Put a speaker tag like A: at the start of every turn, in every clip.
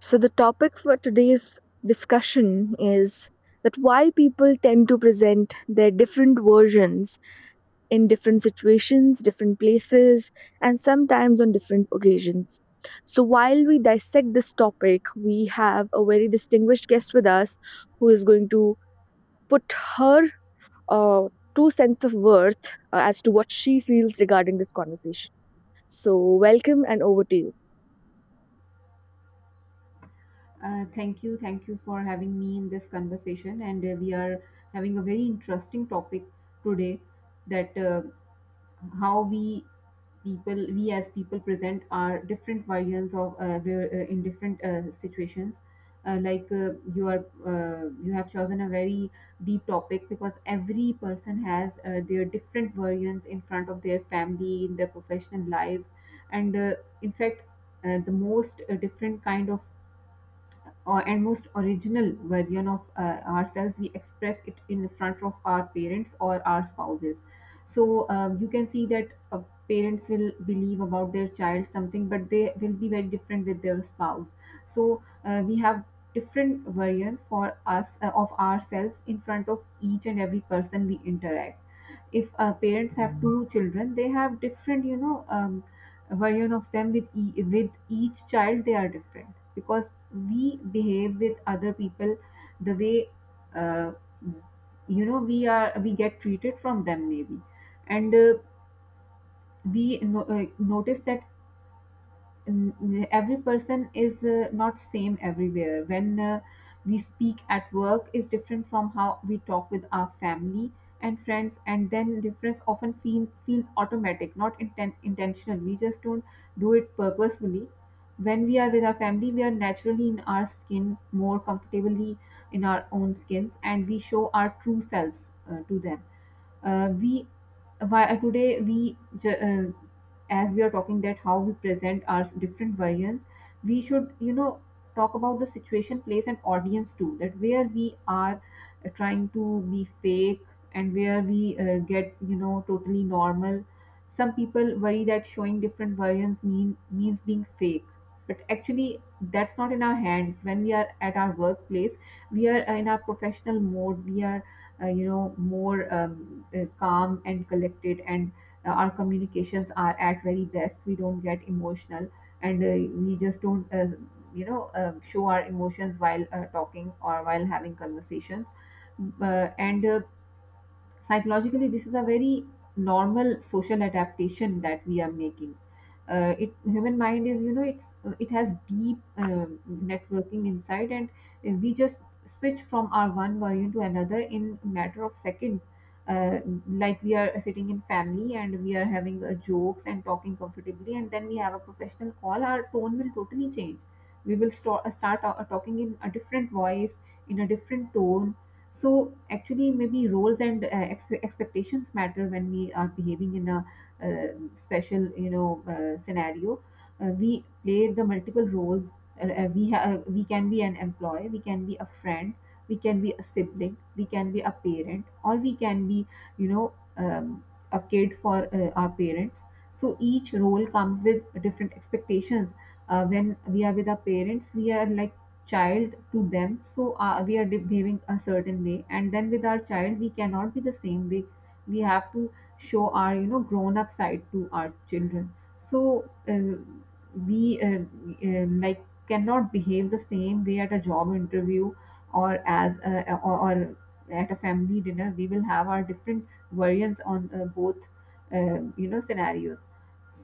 A: So the topic for today's discussion is that why people tend to present their different versions in different situations, different places, and sometimes on different occasions. So while we dissect this topic, we have a very distinguished guest with us who is going to put her uh, two cents of worth as to what she feels regarding this conversation. So welcome and over to you.
B: Thank you, thank you for having me in this conversation. And we are having a very interesting topic today that how we people, we as people present our different versions of in different situations. Like you are, you have chosen a very deep topic because every person has their different versions in front of their family, in their professional lives, and in fact, the most different kind of and most original version of ourselves we express it in front of our parents or our spouses. So you can see that parents will believe about their child something, but they will be very different with their spouse. So we have different version for us of ourselves in front of each and every person we interact. If parents have two children, they have different, version of them with with each child. They are different because we behave with other people the way uh, we get treated from them maybe, and we notice that every person is not same everywhere. When we speak at work is different from how we talk with our family and friends, and then difference often feels automatic, not intentional. We just don't do it purposefully. When we are with our family, we are naturally in our skin more comfortably, in our own skins, and we show our true selves to them. We why today we ju- As we are talking that how we present our different variants, we should, you know, talk about the situation, place, and audience too, that where we are trying to be fake and where we get, you know, totally normal. Some people worry that showing different variants means being fake, but actually that's not in our hands. When we are at our workplace, we are in our professional mode. We are more calm and collected, and our communications are at very best. We don't get emotional, and we just don't show our emotions while talking or while having conversations. And Psychologically, this is a very normal social adaptation that we are making. It Human mind is, you know, it has deep networking inside, and we just switch from our one version to another in matter of seconds. uh, like, we are sitting in family and we are having jokes and talking comfortably, and then we have a professional call, our tone will totally change. We will start talking in a different voice, in a different tone. So actually, maybe roles and expectations matter when we are behaving in a special, you know, scenario. We play the multiple roles. We can be an employee, we can be a friend, we can be a sibling, we can be a parent, or we can be, you know, a kid for our parents. So each role comes with different expectations. When we are with our parents, we are like child to them, so we are behaving a certain way, and then with our child we cannot be the same way. We have to show our, you know, grown up side to our children. So we like cannot behave the same way at a job interview or at a family dinner. We will have our different variants on both you know scenarios.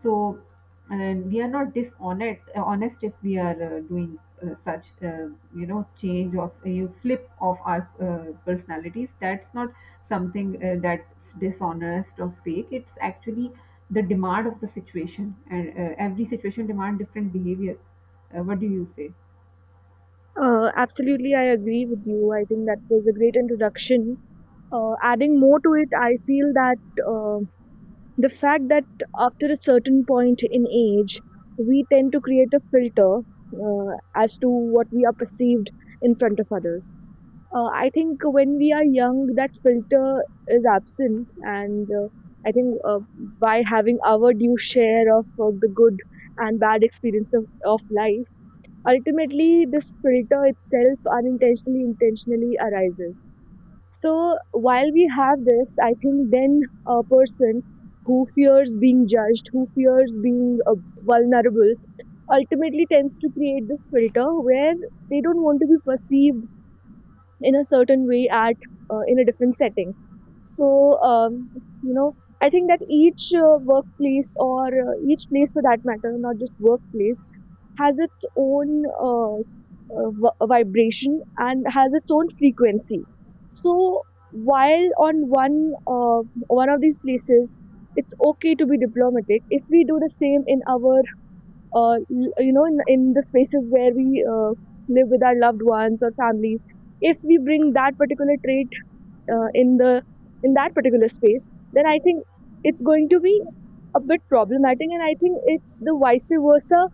B: So, and we are not dishonest honest if we are doing such you know change of you flip of our personalities. That's not something that's dishonest or fake. It's actually the demand of the situation, and every situation demand different behavior. What do you say?
A: Absolutely, I agree with you. I think that was a great introduction. Adding more to it, I feel that uh, the fact that after a certain point in age, we tend to create a filter as to what we are perceived in front of others. I think when we are young, that filter is absent, and I think by having our due share of the good and bad experience of life, ultimately this filter itself unintentionally intentionally arises. So while we have this, I think then a person who fears being judged, who fears being vulnerable, ultimately tends to create this filter where they don't want to be perceived in a certain way at in a different setting. So um, you know I think that each workplace or each place for that matter, not just workplace, has its own vibration and has its own frequency. So while on one of these places, it's okay to be diplomatic. If we do the same in our in the spaces where we live with our loved ones or families, if we bring that particular trait in the in that particular space, then I think it's going to be a bit problematic, and I think it's the vice versa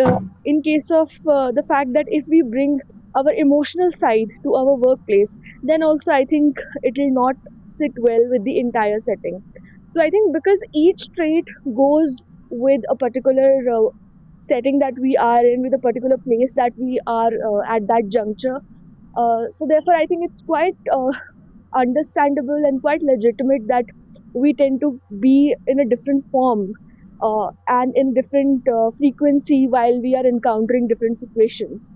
A: in case of the fact that if we bring our emotional side to our workplace, then also I think it will not sit well with the entire setting. So I think because each trait goes with a particular setting that we are in, with a particular place that we are at that juncture. So therefore, I think it's quite understandable and quite legitimate that we tend to be in a different form and in different frequency while we are encountering different situations.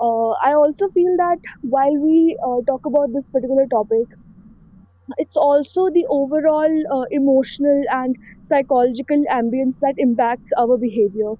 A: I also feel that while we talk about this particular topic, it's also the overall emotional and psychological ambience that impacts our behavior.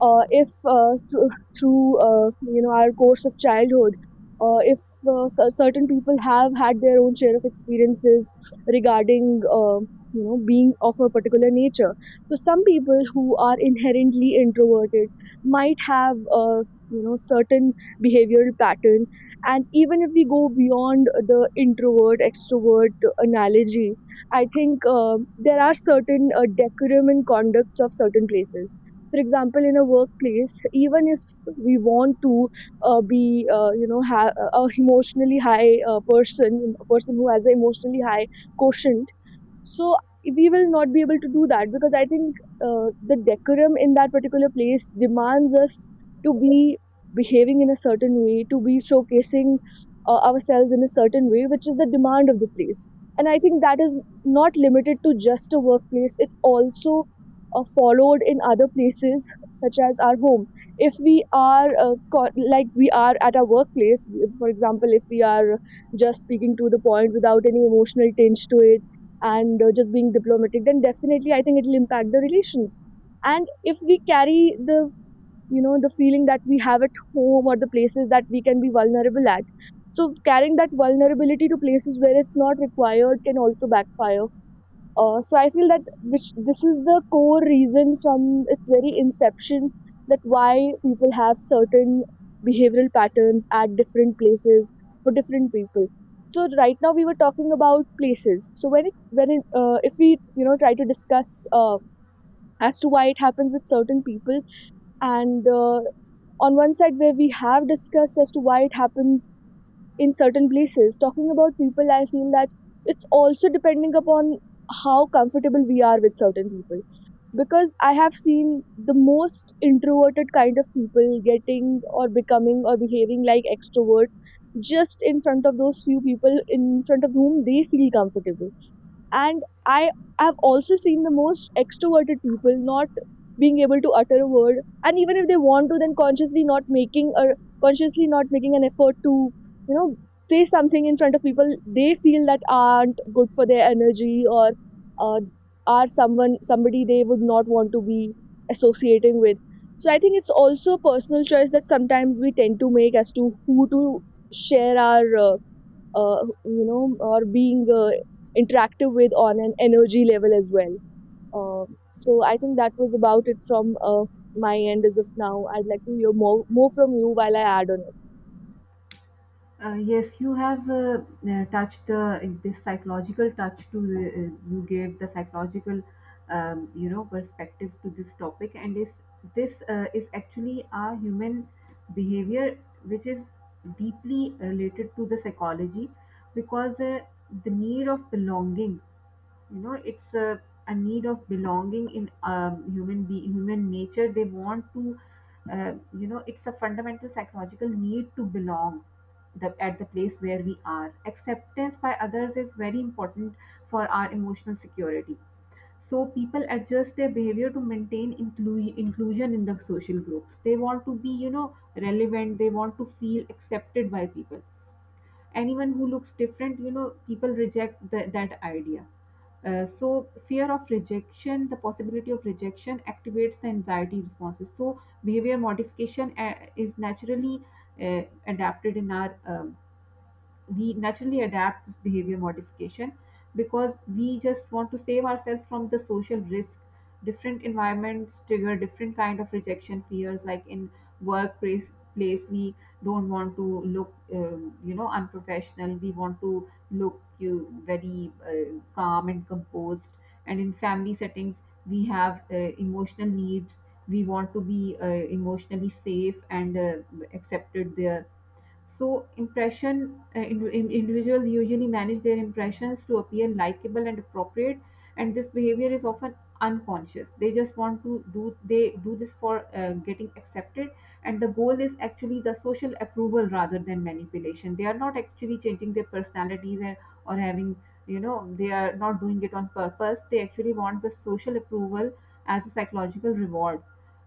A: If through our course of childhood, if certain people have had their own share of experiences regarding being of a particular nature, so some people who are inherently introverted might have certain behavioral patterns, and even if we go beyond the introvert extrovert analogy, I think there are certain decorum and conducts of certain places. For example, in a workplace, even if we want to be, a emotionally high person, a person who has an emotionally high quotient, so we will not be able to do that because I think the decorum in that particular place demands us to be behaving in a certain way, to be showcasing ourselves in a certain way, which is the demand of the place. And I think that is not limited to just a workplace, it's also followed in other places, such as our home. If we are like we are at our workplace, for example, if we are just speaking to the point without any emotional tinge to it and just being diplomatic, then definitely I think it will impact the relations. And if we carry the you know the feeling that we have at home or the places that we can be vulnerable at, so carrying that vulnerability to places where it's not required can also backfire. So I feel that which this is the core reason from its very inception, that why people have certain behavioral patterns at different places for different people. So right now we were talking about places, so when if we, you know, try to discuss as to why it happens with certain people, and on one side where we have discussed as to why it happens in certain places, talking about people, I feel that it's also depending upon how comfortable we are with certain people, because I have seen the most introverted kind of people getting or becoming or behaving like extroverts just in front of those few people in front of whom they feel comfortable. And I have also seen the most extroverted people not being able to utter a word, and even if they want to, then consciously not making, or consciously not making an effort to, you know, say something in front of people they feel that aren't good for their energy, or uh, are someone somebody they would not want to be associating with. So I think it's also a personal choice that sometimes we tend to make as to who to share our or being interactive with on an energy level as well. Uh, so I think that was about it from my end as of now. I'd like to hear more from you while I add on.
B: Yes, you have touched this psychological touch to the, you gave the psychological you know perspective to this topic, and is this is actually our human behavior, which is deeply related to the psychology. Because the need of belonging, you know, a need of belonging in human nature. They want to you know, it's a fundamental psychological need to belong. At the place where we are, acceptance by others is very important for our emotional security. So people adjust their behavior to maintain inclusion in the social groups. They want to be, you know, relevant. They want to feel accepted by people. Anyone who looks different, you know, people reject that idea. So fear of rejection, the possibility of rejection activates the anxiety responses, so behavior modification is naturally adapted in our we naturally adapt this behavior modification because we just want to save ourselves from the social risk. Different environments trigger different kind of rejection fears. Like in workplace place, we don't want to look, you know, unprofessional. We want to look you very calm and composed. And in family settings, we have emotional needs. We want to be emotionally safe and accepted there. So individuals usually manage their impressions to appear likable and appropriate, and this behavior is often unconscious. They just want to do, they do this for getting accepted, and the goal is actually the social approval rather than manipulation. They are not actually changing their personalities, or having, you know, they are not doing it on purpose. They actually want the social approval as a psychological reward.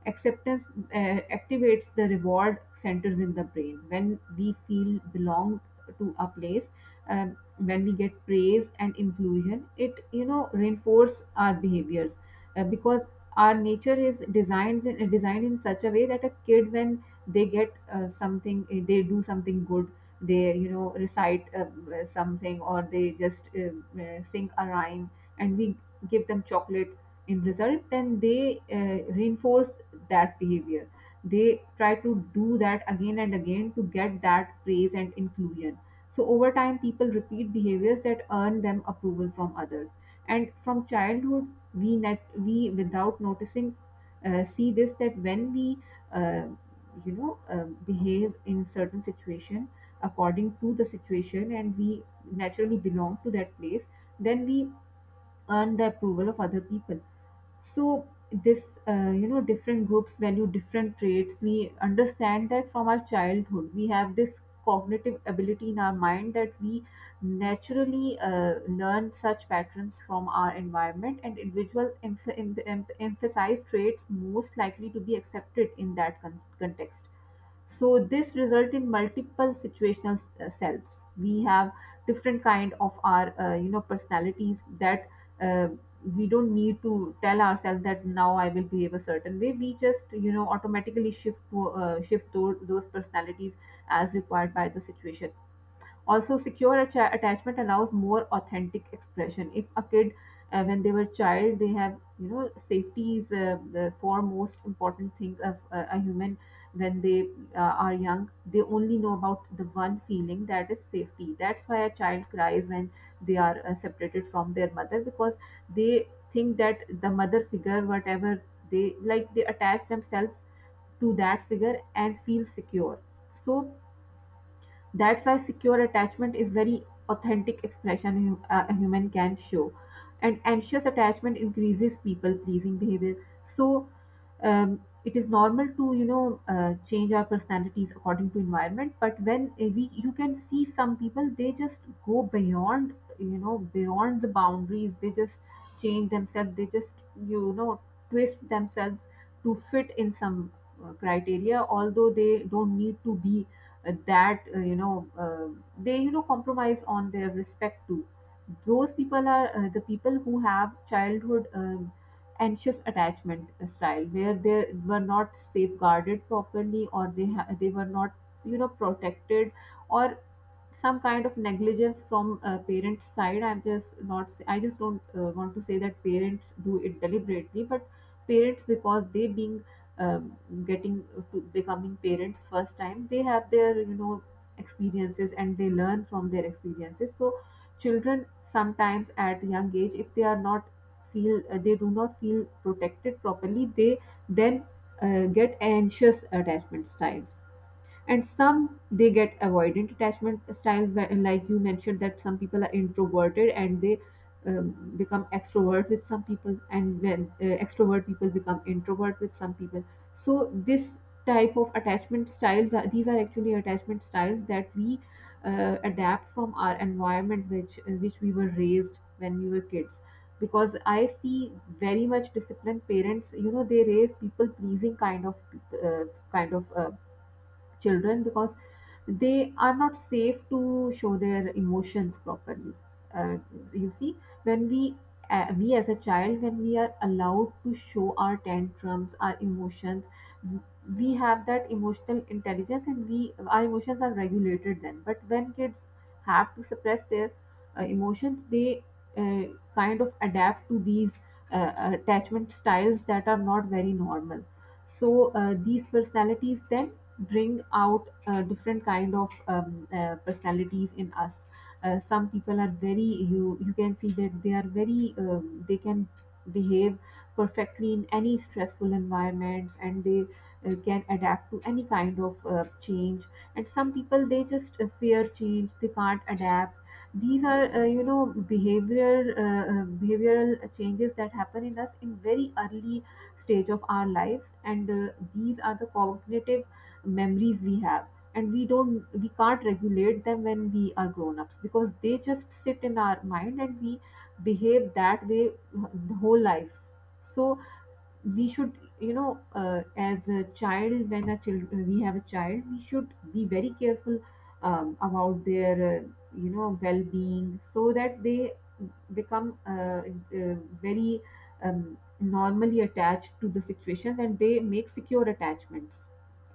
B: Acceptance activates the reward centers in the brain when we feel belong to a place. When we get praise and inclusion, it, you know, reinforce our behaviors, because our nature is designed designed in such a way that a kid, when they get something, they do something good, they, you know, recite something, or they just sing a rhyme, and we give them chocolate. In result, then they reinforce that behavior. They try to do that again and again to get that praise and inclusion. So over time, people repeat behaviors that earn them approval from others. And from childhood, we we without noticing see this, that when we uh, behave in certain situation according to the situation, and we naturally belong to that place, then we earn the approval of other people. So this, you know, different groups value different traits. We understand that from our childhood. We have this cognitive ability in our mind that we naturally learn such patterns from our environment, and individual emphasize traits most likely to be accepted in that context. So this result in multiple situational selves. We have different kind of our personalities that uh, we don't need to tell ourselves that now I will behave a certain way. We just, you know, automatically shift to those personalities as required by the situation. Also, secure attachment allows more authentic expression. If a kid, when they were child, they have, you know, safety is the foremost important thing of a human. When they uh, are young, they only know about the one feeling, that is safety. That's why a child cries when they are separated from their mother, because they think that the mother figure, whatever they like, they attach themselves to that figure and feel secure. So that's why secure attachment is very authentic expression a human can show. And anxious attachment increases people pleasing behavior. So it is normal to, you know, change our personalities according to environment. But when we, you can see some people, they just go beyond, you know, beyond the boundaries. They just change themselves. They just you know twist themselves to fit in some criteria, although they don't need to be that you know they compromise on their respect too. Those people are the people who have childhood anxious attachment style where they were not safeguarded properly, or they were not protected, or some kind of negligence from parents' side. I'm just not say- I just don't want to say that parents do it deliberately, but parents, because they being um, getting to becoming parents first time, they have their experiences and they learn from their experiences. So children sometimes at young age, if they are not feel they do not feel protected properly, they then get anxious attachment styles. And some they get avoidant attachment styles, where- like you mentioned, that some people are introverted and they um, become extrovert with some people, and then extrovert people become introvert with some people. So this type of attachment styles are, these are actually attachment styles that we adapt from our environment, which in which we were raised when we were kids. Because I see very much disciplined parents, you know, they raise people pleasing kind of uh, kind of uh, children, because they are not safe to show their emotions properly. Uh, you see, when we as a child, when we are allowed to show our tantrums, our emotions, w- we have that emotional intelligence, and we our emotions are regulated then. But when kids have to suppress their emotions, they kind of adapt to these attachment styles that are not very normal. So these personalities then bring out a different kind of personalities in us. Some people are very you can see that they are very, they can behave perfectly in any stressful environments, and they can adapt to any kind of change. And some people they just fear change, they can't adapt. These are behavioral behavioral changes that happen in us in very early stage of our lives. And these are the cognitive memories we have, and we can't regulate them when we are grown ups, because they just sit in our mind and we behave that way the whole life. So we should as a child, when a child, we should be very careful about their well-being, so that they become uh, very normally attached to the situations, and they make secure attachments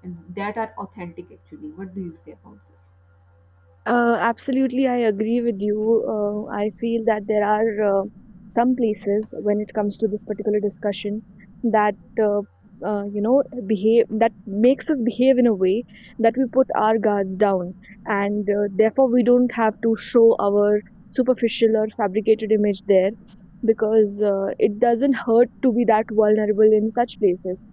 B: and that are authentic. Actually, what do you say about this?
A: Absolutely, I agree with you. I feel that there are some places when it comes to this particular discussion that uh, you know behave that makes us behave in a way that we put our guards down, and therefore we don't have to show our superficial or fabricated image there, because it doesn't hurt to be that vulnerable in such places.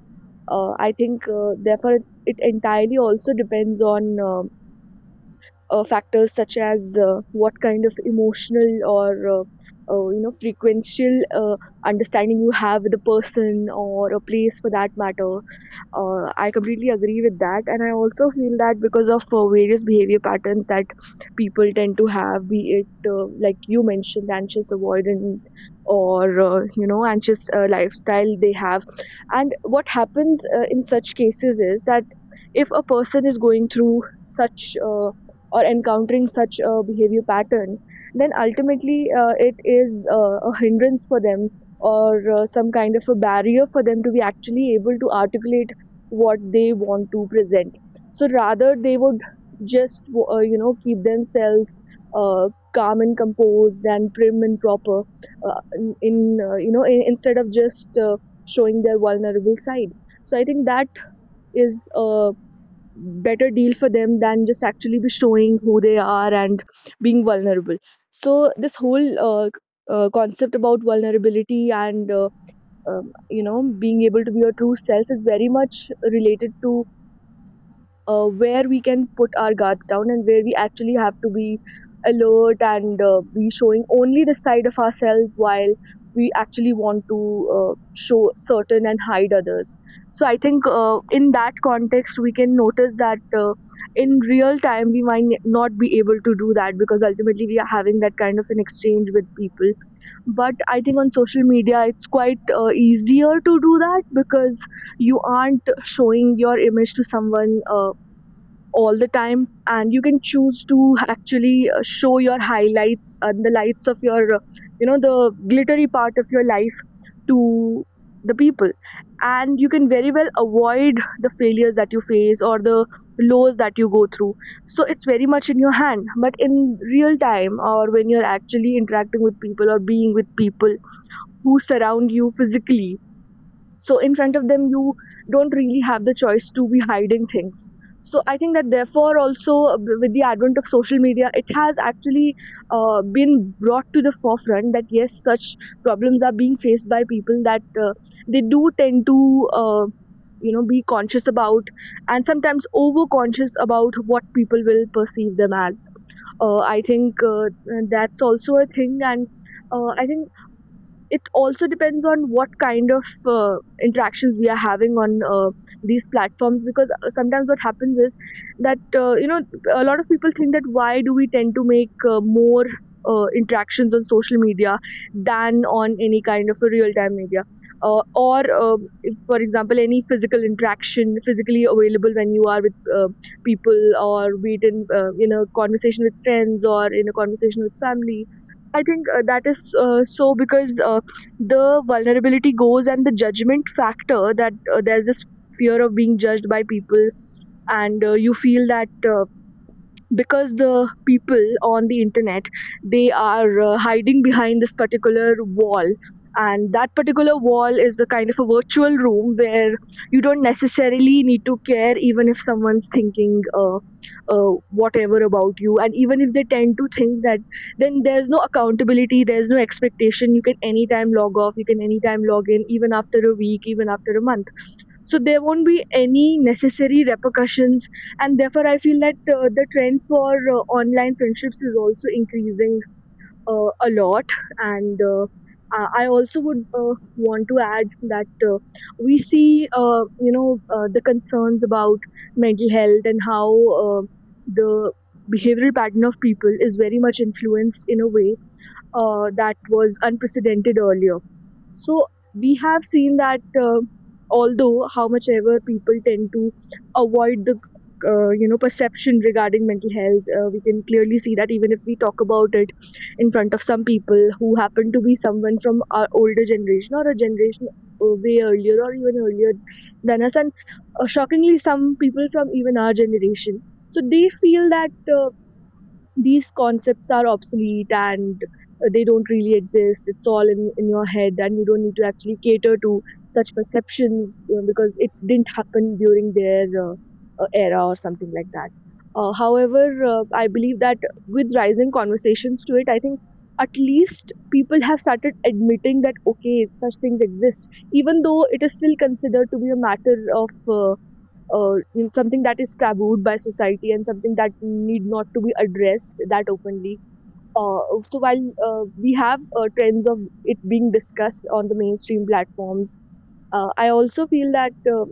A: I think therefore it entirely also depends on factors such as what kind of emotional or uh, frequential understanding you have with a person or a place for that matter. I completely agree with that, and I also feel that because of various behavior patterns that people tend to have, be it like you mentioned, anxious avoidant or anxious lifestyle they have, and what happens in such cases is that if a person is going through such or encountering such a behavior pattern, then ultimately it is a hindrance for them, or some kind of a barrier for them to be actually able to articulate what they want to present. So rather they would just keep themselves calm and composed and prim and proper in, you know in, instead of just showing their vulnerable side. So I think that is a better deal for them than just actually be showing who they are and being vulnerable. So this whole concept about vulnerability and being able to be your true self is very much related to where we can put our guards down and where we actually have to be alert and be showing only the side of ourselves while we actually want to show certain and hide others. So I think in that context we can notice that in real time we might not be able to do that because ultimately we are having that kind of an exchange with people. But I think on social media it's quite easier to do that because you aren't showing your image to someone all the time, and you can choose to actually show your highlights and the lights of your the glittery part of your life to the people, and you can very well avoid the failures that you face or the lows that you go through. So it's very much in your hand, but in real time, or when you're actually interacting with people or being with people who surround you physically, so in front of them you don't really have the choice to be hiding things. So I think that therefore also with the advent of social media it has actually been brought to the forefront that yes, such problems are being faced by people, that they do tend to uh, be conscious about, and sometimes over conscious about what people will perceive them as. I think that's also a thing. And I think it also depends on what kind of interactions we are having on these platforms, because sometimes what happens is that a lot of people think that why do we tend to make more interactions on social media than on any kind of a real time media, or if, for example, any physical interaction physically available when you are with people Or be it in in a conversation with friends or in a conversation with family. I think that is, so because the vulnerability goes, and the judgment factor, that there's this fear of being judged by people. And you feel that because the people on the internet, they are hiding behind this particular wall, and that particular wall is a kind of a virtual room where you don't necessarily need to care even if someone's thinking whatever about you. And even if they tend to think that, then there's no accountability, there's no expectation. You can anytime log off, you can anytime log in, even after a week, even after a month, so there won't be any necessary repercussions. And therefore I feel that the trend for online friendships is also increasing a lot. And I also would want to add that we see uh, you know the concerns about mental health and how uh, the behavioral pattern of people is very much influenced in a way that was unprecedented earlier. So we have seen that although how much ever people tend to avoid the perception regarding mental health, we can clearly see that even if we talk about it in front of some people who happen to be someone from our older generation, or a generation way earlier, or even earlier than us. And shockingly, some people from even our generation. So they feel that uh, these concepts are obsolete and they don't really exist, it's all in your head, and you don't need to actually cater to such perceptions, you know, because it didn't happen during their era or something like that. However, I believe that with rising conversations to it, I think at least people have started admitting that okay, such things exist, even though it is still considered to be a matter of in something that is tabooed by society, and something that need not to be addressed that openly. Uh, so while we have trends of it being discussed on the mainstream platforms, I also feel that,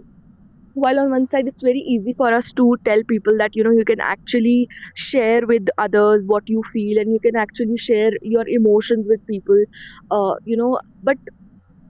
A: while on one side it's very easy for us to tell people that, you know, you can actually share with others what you feel, and you can actually share your emotions with people, uh, you know, but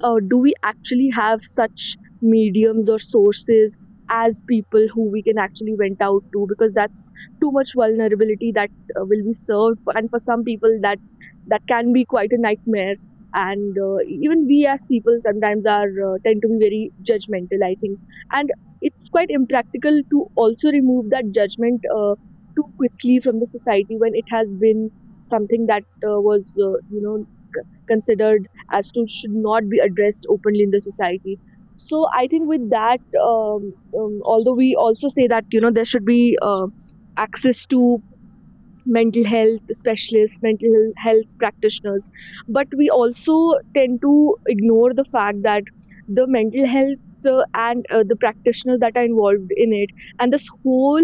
A: uh, do we actually have such mediums or sources, as people who we can actually vent out to? Because that's too much vulnerability that will be served for, and for some people that that can be quite a nightmare. And even we as people sometimes are tend to be very judgmental, I think. And it's quite impractical to also remove that judgment too quickly from the society, when it has been something that was, you know, considered as to should not be addressed openly in the society. So I think with that, although we also say that, you know, there should be access to mental health specialists, mental health practitioners. But we also tend to ignore the fact that the mental health and the practitioners that are involved in it, and this whole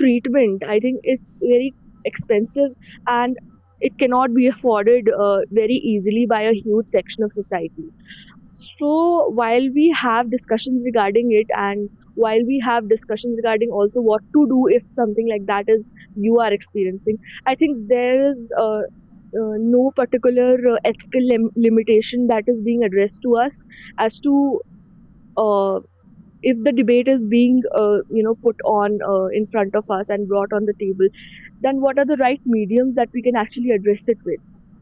A: treatment, I think it's very expensive, and it cannot be afforded very easily by a huge section of society. So while we have discussions regarding it, and while we have discussions regarding also what to do if something like that is you are experiencing, I think there is no particular ethical limitation that is being addressed to us as to, uh, if the debate is being you know, put on in front of us and brought on the table, then what are the right mediums that we can actually address it with?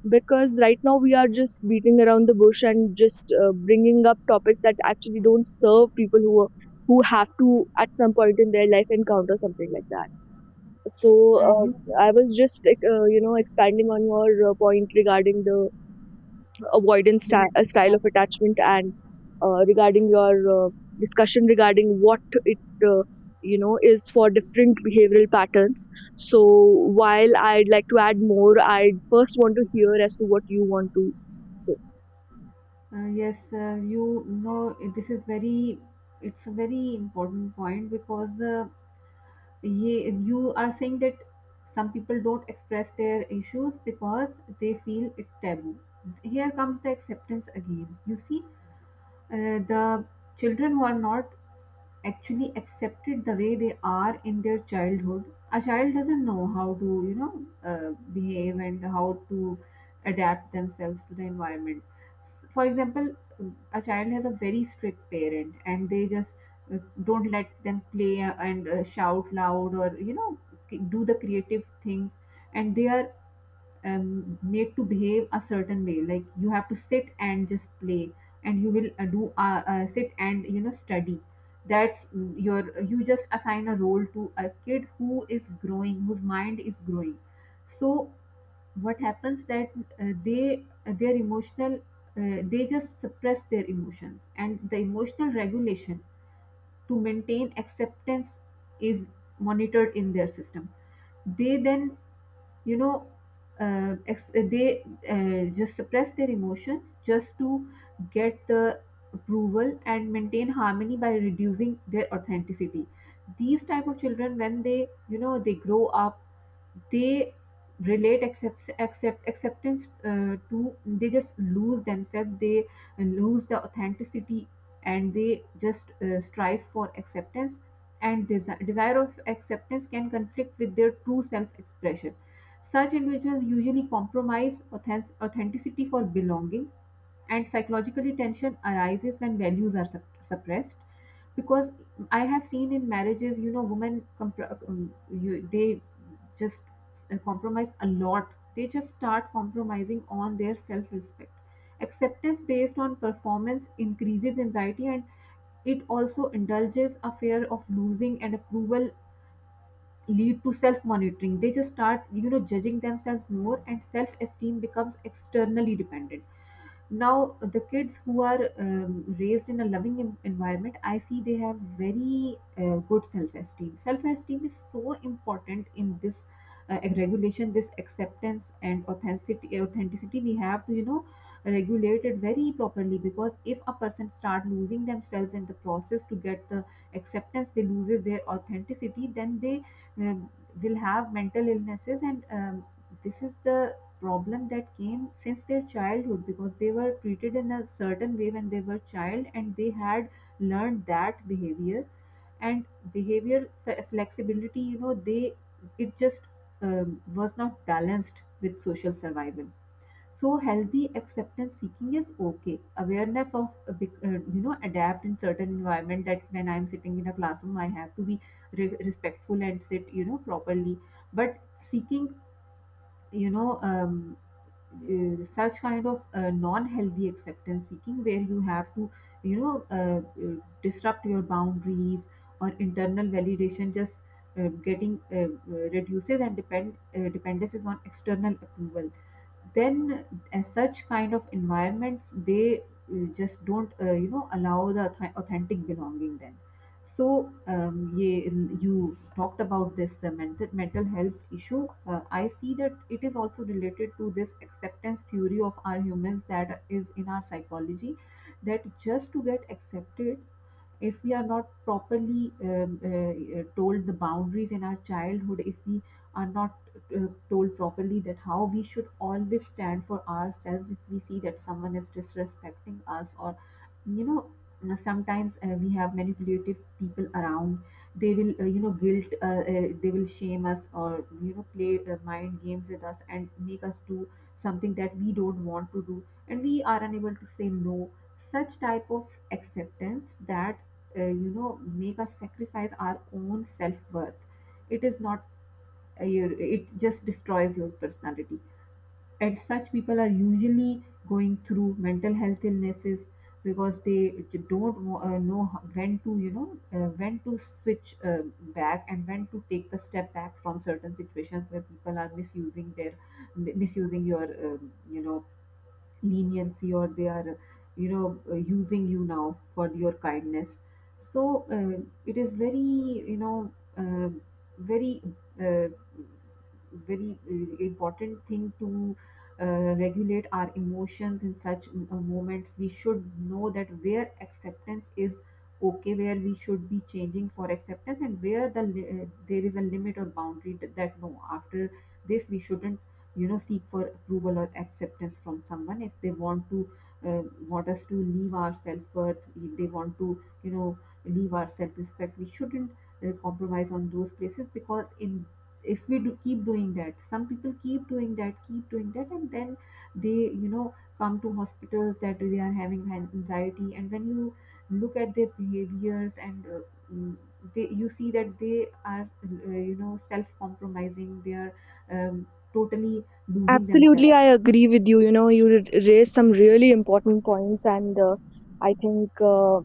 A: Because right now we are just beating around the bush, and just bringing up topics that actually don't serve people who are, who have to at some point in their life encounter something like that. So uh,
B: You
A: I was just you know, expanding on your point regarding the avoidance
B: Yes.
A: sty- uh, style
B: uh,
A: of attachment, and regarding your discussion regarding what it uh, you know, is for different behavioral patterns. So while I'd like to add more, I first want to hear as to what you want to say.
B: yes, you know, this is very, it's a very important point. Because Ye, you are saying that some people don't express their issues because they feel it taboo. Here comes the acceptance again. You see, the children who are not actually accepted the way they are in their childhood, a child doesn't know how to behave and how to adapt themselves to the environment. For example, a child has a very strict parent and they just don't let them play and shout loud, or you know, do the creative things. And they are made to behave a certain way, like you have to sit and just play, and you will do sit and you know study. That's your, you just assign a role to a kid who is growing, whose mind is growing. So what happens that they their emotional, they just suppress their emotions and the emotional regulation to maintain acceptance is monitored in their system. They then you know they just suppress their emotions just to get the approval and maintain harmony by reducing their authenticity. These type of children, when they you know they grow up, they relate acceptance to, they just lose themselves, they lose the authenticity, and they just strive for acceptance. And desire of acceptance can conflict with their true self expression. Such individuals usually compromise authenticity for belonging, and psychological tension arises when values are suppressed. Because I have seen in marriages, you know, women they just compromise a lot. They just start compromising on their self-respect. Acceptance based on performance increases anxiety, and it also indulges a fear of losing and approval, lead to self monitoring. They just start, you know, judging themselves more, and self esteem becomes externally dependent. Now the kids who are raised in a loving environment, I see they have very good self-esteem. Self-esteem is so important in this regulation. This acceptance and authenticity, we have to you know regulate it very properly. Because if a person start losing themselves in the process to get the acceptance, they loses their authenticity, then they um, will have mental illnesses. And this is the problem that came since their childhood, because they were treated in a certain way when they were child, and they had learned that behavior. And behavior flexibility, you know, they, it just was not balanced with social survival. So healthy acceptance seeking is okay, awareness of you know adapt in certain environment, that when I'm sitting in a classroom I have to be respectful and sit you know properly. But seeking, you know um, such kind of non-healthy acceptance seeking, where you have to you know uh, uh, disrupt your boundaries, or internal validation just getting reduces, and dependence is on external approval. Then, as such kind of environments, they just don't you know allow the authentic belonging then. So, yeah, you talked about this mental health issue. I see that it is also related to this acceptance theory of our humans that is in our psychology, that just to get accepted, if we are not properly told the boundaries in our childhood, if we are not told properly that how we should always stand for ourselves, if we see that someone is disrespecting us. Or you know, sometimes we have manipulative people around, they will you know guilt, they will shame us, or you know play mind games with us and make us do something that we don't want to do, and we are unable to say no. Such type of acceptance that you know make us sacrifice our own self-worth, it is not your, it just destroys your personality. And such people are usually going through mental health illnesses, because they don't know, how- when to when to switch back, and when to take the step back from certain situations where people are misusing their, misusing your you know leniency, or they are you know using you now for your kindness. So it is very you know very uh, very important thing to uh, regulate our emotions. In such moments we should know that where acceptance is okay, where we should be changing for acceptance, and where the there is a limit or boundary that, that no, after this we shouldn't you know seek for approval or acceptance from someone if they want to uh, want us to leave our self-worth, if they want to you know leave our self-respect. We shouldn't compromise on those places. Because in, if we do keep doing that, some people keep doing that, keep doing that, and then they you know come to hospitals that they are having anxiety. And when you look at their behaviors and mm, they, you see that they are you know self compromising, they are um, totally losing
A: Absolutely,
B: themselves.
A: I agree with you. You know, you raised some really important points, and I think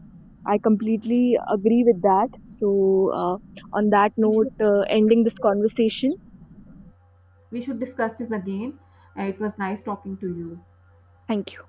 A: I completely agree with that. So, uh, on that
B: We
A: note,
B: should,
A: ending this conversation,
B: we should discuss this again. It was nice talking to you.
A: thank you.